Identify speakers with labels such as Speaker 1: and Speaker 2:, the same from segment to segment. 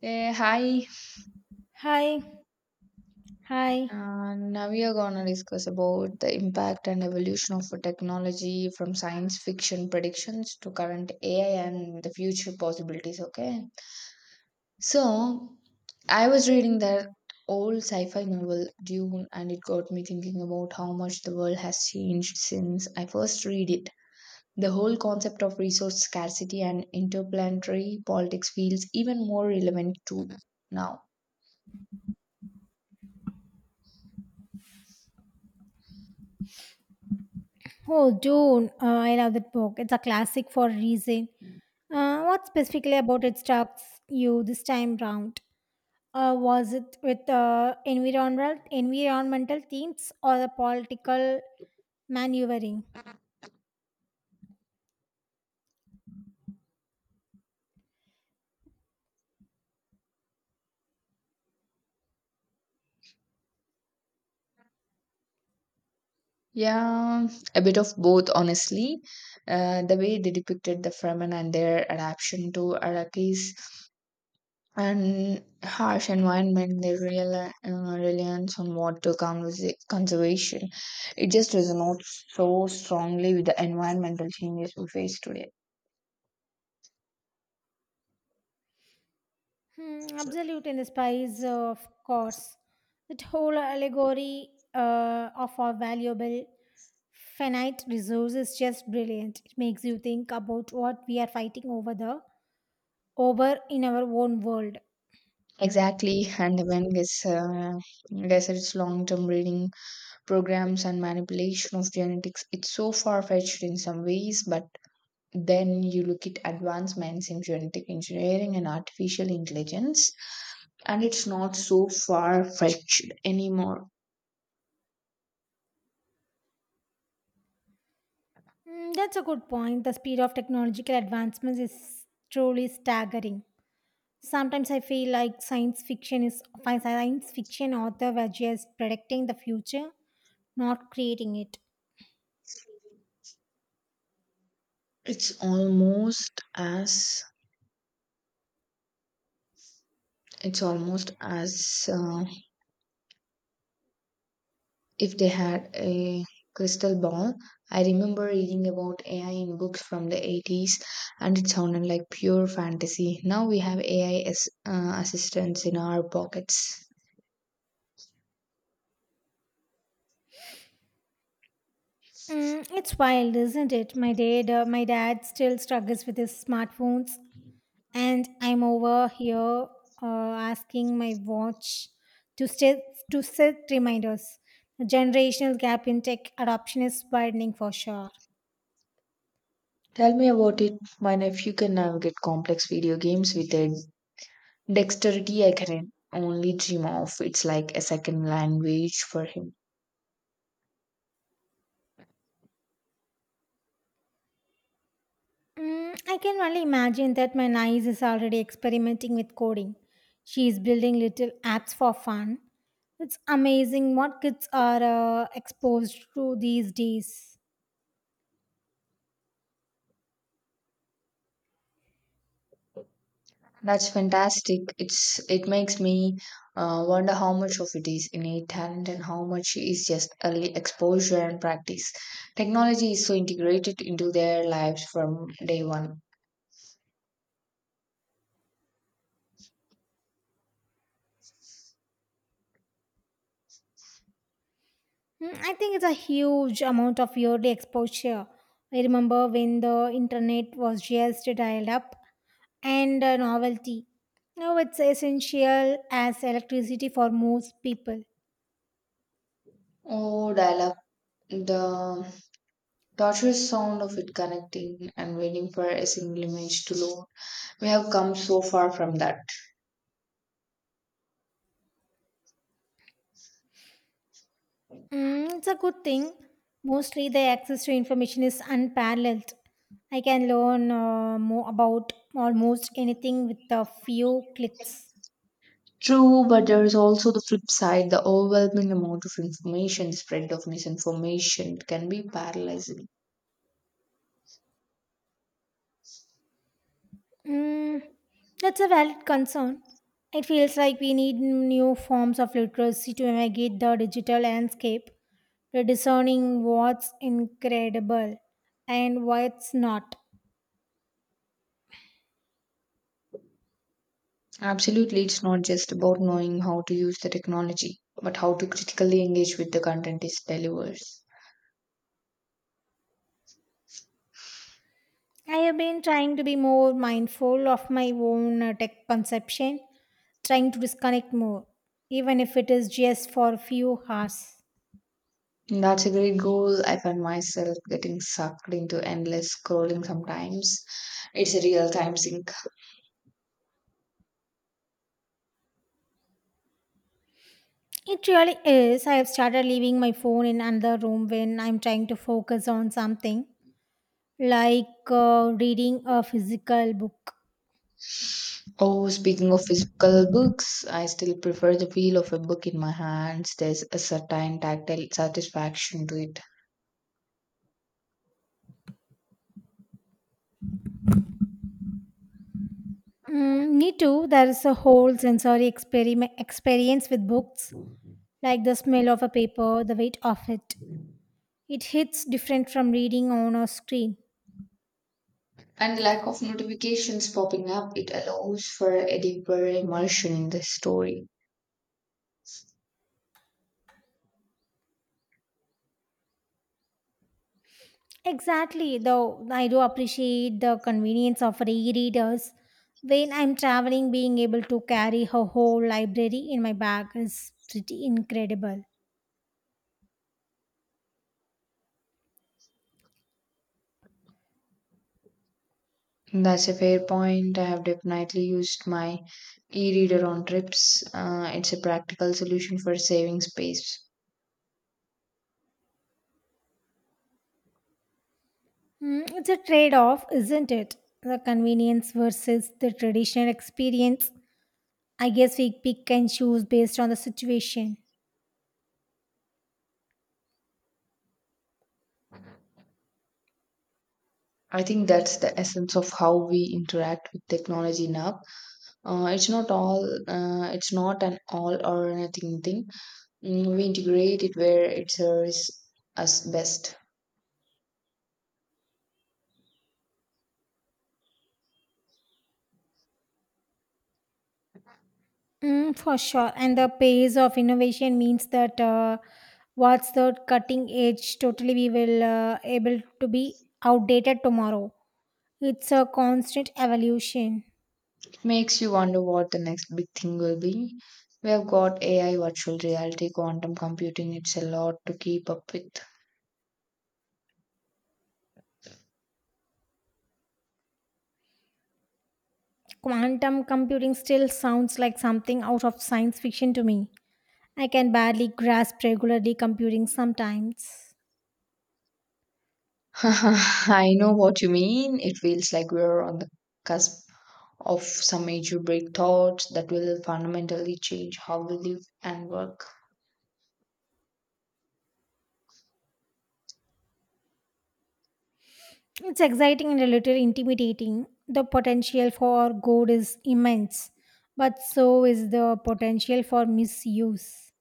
Speaker 1: Hey, hi.
Speaker 2: Hi, hi.
Speaker 1: Now we are gonna discuss about the impact and evolution of technology from science fiction predictions to current AI and the future possibilities. Okay, so I was reading that old sci-fi novel Dune, and it got me thinking about how much the world has changed since I first read it. The whole concept of resource scarcity and interplanetary politics feels even more relevant to now.
Speaker 2: Oh, Dune. I love that book. It's a classic for a reason. What specifically about it struck you this time round? Was it with environmental themes or the political maneuvering?
Speaker 1: Yeah, a bit of both, honestly. The way they depicted the Fremen and their adaptation to Iraqis and harsh environment, their real reliance on water conservation, it just resonates so strongly with the environmental changes we face today.
Speaker 2: Hmm, absolute in the spies, of course. That whole allegory of our valuable finite resource is just brilliant. It makes you think about what we are fighting over there over in our own world.
Speaker 1: Exactly, and when this desert's long-term breeding programs and manipulation of genetics, it's so far-fetched in some ways, but then you look at advancements in genetic engineering and artificial intelligence, and it's not so far fetched anymore.
Speaker 2: That's a good point. The speed of technological advancements is truly staggering. Sometimes I feel like science fiction author were just predicting the future, not creating it.
Speaker 1: It's almost as it's almost as if they had a crystal ball. I remember reading about AI in books from the 80s, and it sounded like pure fantasy. Now we have AI as, assistants in our pockets.
Speaker 2: It's wild, isn't it? My dad still struggles with his smartphones, and I'm over here asking my watch to set to set reminders. The generational gap in tech adoption is widening for sure.
Speaker 1: Tell me about it. My nephew can navigate complex video games with a dexterity I can only dream of. It's like a second language for him.
Speaker 2: I can only imagine that my niece is already experimenting with coding. She is building little apps for fun. It's amazing what kids are exposed to these days.
Speaker 1: That's fantastic. It makes me wonder how much of it is innate talent and how much is just early exposure and practice. Technology is so integrated into their lives from day one.
Speaker 2: I think it's a huge amount of yearly exposure. I remember when the internet was just dialed up and a novelty. Now it's essential as electricity for most people.
Speaker 1: Oh, dial up, the torturous sound of it connecting and waiting for a single image to load. We have come so far from that.
Speaker 2: It's a good thing. Mostly the access to information is unparalleled. I can learn more about almost anything with a few clicks.
Speaker 1: True, but there is also the flip side. The overwhelming amount of information, the spread of misinformation can be paralyzing.
Speaker 2: Mm, that's a valid concern. It feels like we need new forms of literacy to navigate the digital landscape, to discerning what's incredible and what's not.
Speaker 1: Absolutely, it's not just about knowing how to use the technology, but how to critically engage with the content it delivers.
Speaker 2: I have been trying to be more mindful of my own tech consumption, trying to disconnect more, even if it is just for a few hours.
Speaker 1: And that's a great goal. I find myself getting sucked into endless scrolling sometimes. It's a real time sink.
Speaker 2: It really is. I have started leaving my phone in another room when I'm trying to focus on something like reading a physical book.
Speaker 1: Oh, speaking of physical books, I still prefer the feel of a book in my hands. There's a certain tactile satisfaction to it.
Speaker 2: Me too. There is a whole sensory experiment experience with books, like the smell of a paper, the weight of it. It hits different from reading on a screen.
Speaker 1: And the lack of notifications popping up, it allows for a deeper immersion in the story.
Speaker 2: Exactly. Though I do appreciate the convenience of e-readers. When I'm traveling, being able to carry a whole library in my bag is pretty incredible.
Speaker 1: That's a fair point. I have definitely used my e reader on trips. It's a practical solution for saving space.
Speaker 2: It's a trade off, isn't it? The convenience versus the traditional experience. I guess we pick and choose based on the situation.
Speaker 1: I think that's the essence of how we interact with technology now. It's not an all or nothing thing. Mm, we integrate it where it serves us best.
Speaker 2: For sure. And the pace of innovation means that what's the cutting edge totally we will able to be outdated tomorrow. It's a constant evolution.
Speaker 1: Makes you wonder what the next big thing will be. We have got AI, virtual reality, quantum computing. It's a lot to keep up with.
Speaker 2: Quantum computing still sounds like something out of science fiction to me. I can barely grasp regularly computing sometimes.
Speaker 1: I know what you mean. It feels like we're on the cusp of some major breakthroughs that will fundamentally change how we live and work.
Speaker 2: It's exciting and a little intimidating. The potential for good is immense, but so is the potential for misuse.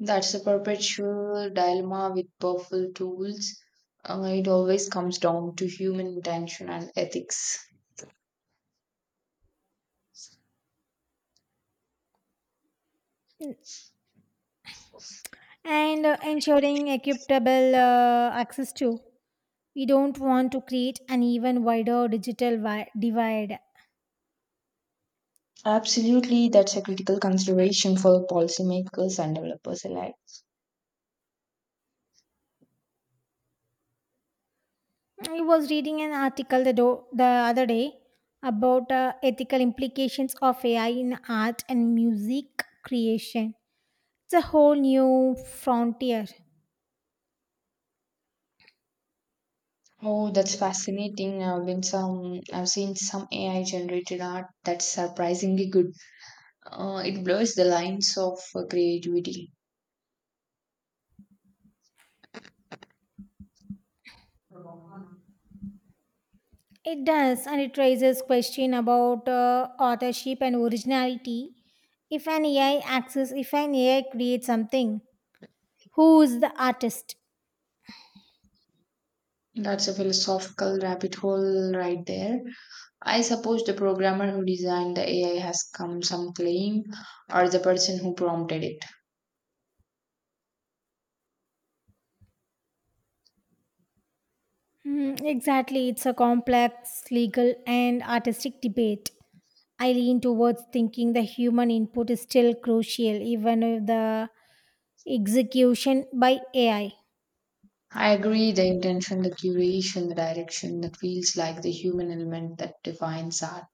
Speaker 1: That's a perpetual dilemma with powerful tools. It always comes down to human intention and ethics.
Speaker 2: And ensuring equitable access to. We don't want to create an even wider divide.
Speaker 1: Absolutely, that's a critical consideration for policymakers and developers alike.
Speaker 2: I was reading an article the other day about ethical implications of AI in art and music creation. It's a whole new frontier.
Speaker 1: Oh, that's fascinating. I've seen some AI generated art that's surprisingly good. It blurs the lines of creativity.
Speaker 2: It does, and it raises question about authorship and originality. If an AI creates something, who is the artist?
Speaker 1: That's a philosophical rabbit hole right there. I suppose the programmer who designed the AI has come some claim, or the person who prompted it.
Speaker 2: Hmm, exactly, it's a complex legal and artistic debate. I lean towards thinking the human input is still crucial, even if the execution by AI.
Speaker 1: I agree, the intention, the curation, the direction, that feels like the human element that defines art.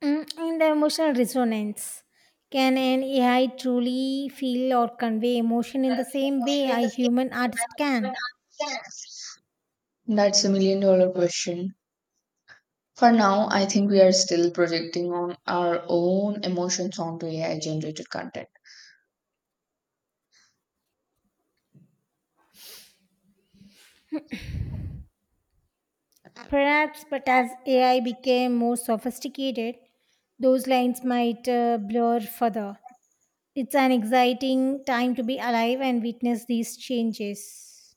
Speaker 2: In the emotional resonance, can an AI truly feel or convey emotion in the same way a human artist can?
Speaker 1: That's a million dollar question. For now, I think we are still projecting on our own emotions onto AI generated content.
Speaker 2: Perhaps, but as AI became more sophisticated, those lines might blur further. It's an exciting time to be alive and witness these changes.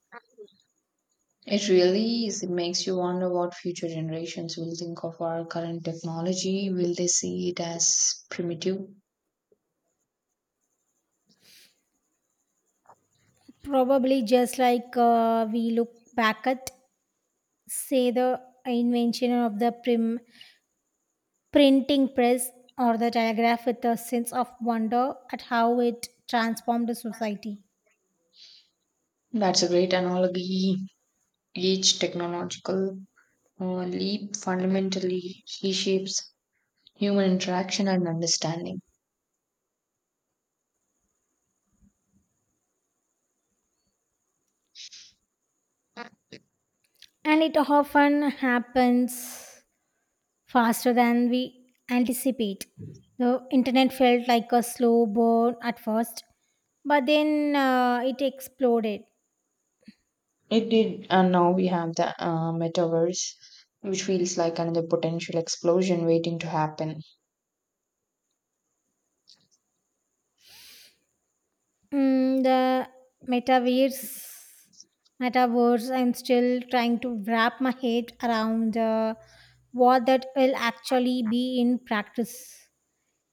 Speaker 1: It really is. It makes you wonder what future generations will think of our current technology. Will they see it as primitive?
Speaker 2: Probably just like we look back at, say, the invention of the prim printing press or the telegraph with a sense of wonder at how it transformed the society.
Speaker 1: That's a great analogy. Each technological leap fundamentally reshapes human interaction and understanding.
Speaker 2: And it often happens faster than we anticipate. The internet felt like a slow burn at first, but then it exploded.
Speaker 1: It did, and now we have the metaverse, which feels like another potential explosion waiting to happen.
Speaker 2: The metaverse, metaverse, I'm still trying to wrap my head around what that will actually be in practice.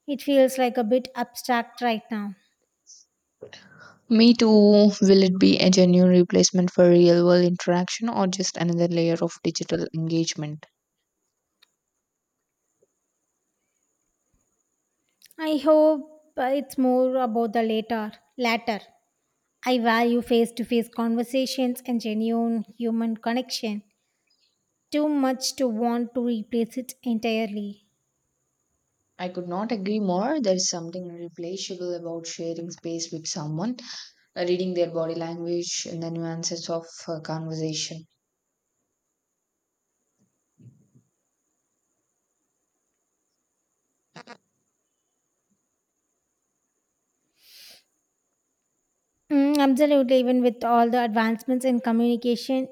Speaker 2: It feels like a bit abstract right now.
Speaker 1: Me too. Will it be a genuine replacement for real world interaction or just another layer of digital engagement?
Speaker 2: I hope it's more about the later. latter. I value face to face conversations and genuine human connection. Too much to want to replace it entirely.
Speaker 1: I could not agree more. There's something irreplaceable about sharing space with someone, reading their body language, and the nuances of conversation.
Speaker 2: Absolutely, even with all the advancements in communication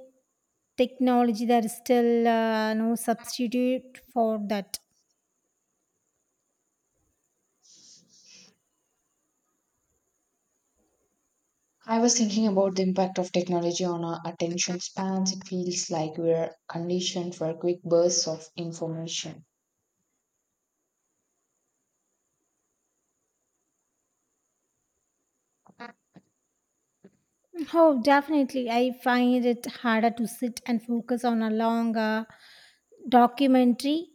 Speaker 2: technology, there is still no substitute for that.
Speaker 1: I was thinking about the impact of technology on our attention spans. It feels like we're conditioned for quick bursts of information.
Speaker 2: Oh, definitely. I find it harder to sit and focus on a long documentary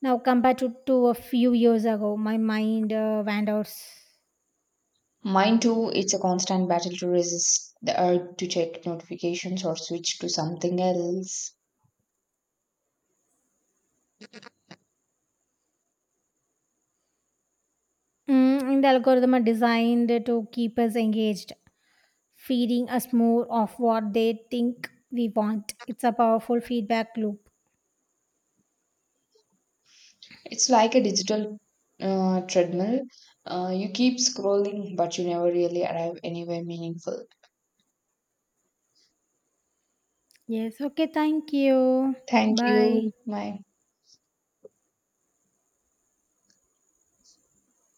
Speaker 2: now compared to, a few years ago. My mind wanders.
Speaker 1: Mine too, it's a constant battle to resist the urge to check notifications or switch to something else.
Speaker 2: And the algorithm are designed to keep us engaged, feeding us more of what they think we want. It's a powerful feedback loop.
Speaker 1: It's like a digital treadmill. You keep scrolling, but you never really arrive anywhere meaningful.
Speaker 2: Yes. Okay. Thank you.
Speaker 1: Thank
Speaker 2: Bye.
Speaker 1: you. Bye.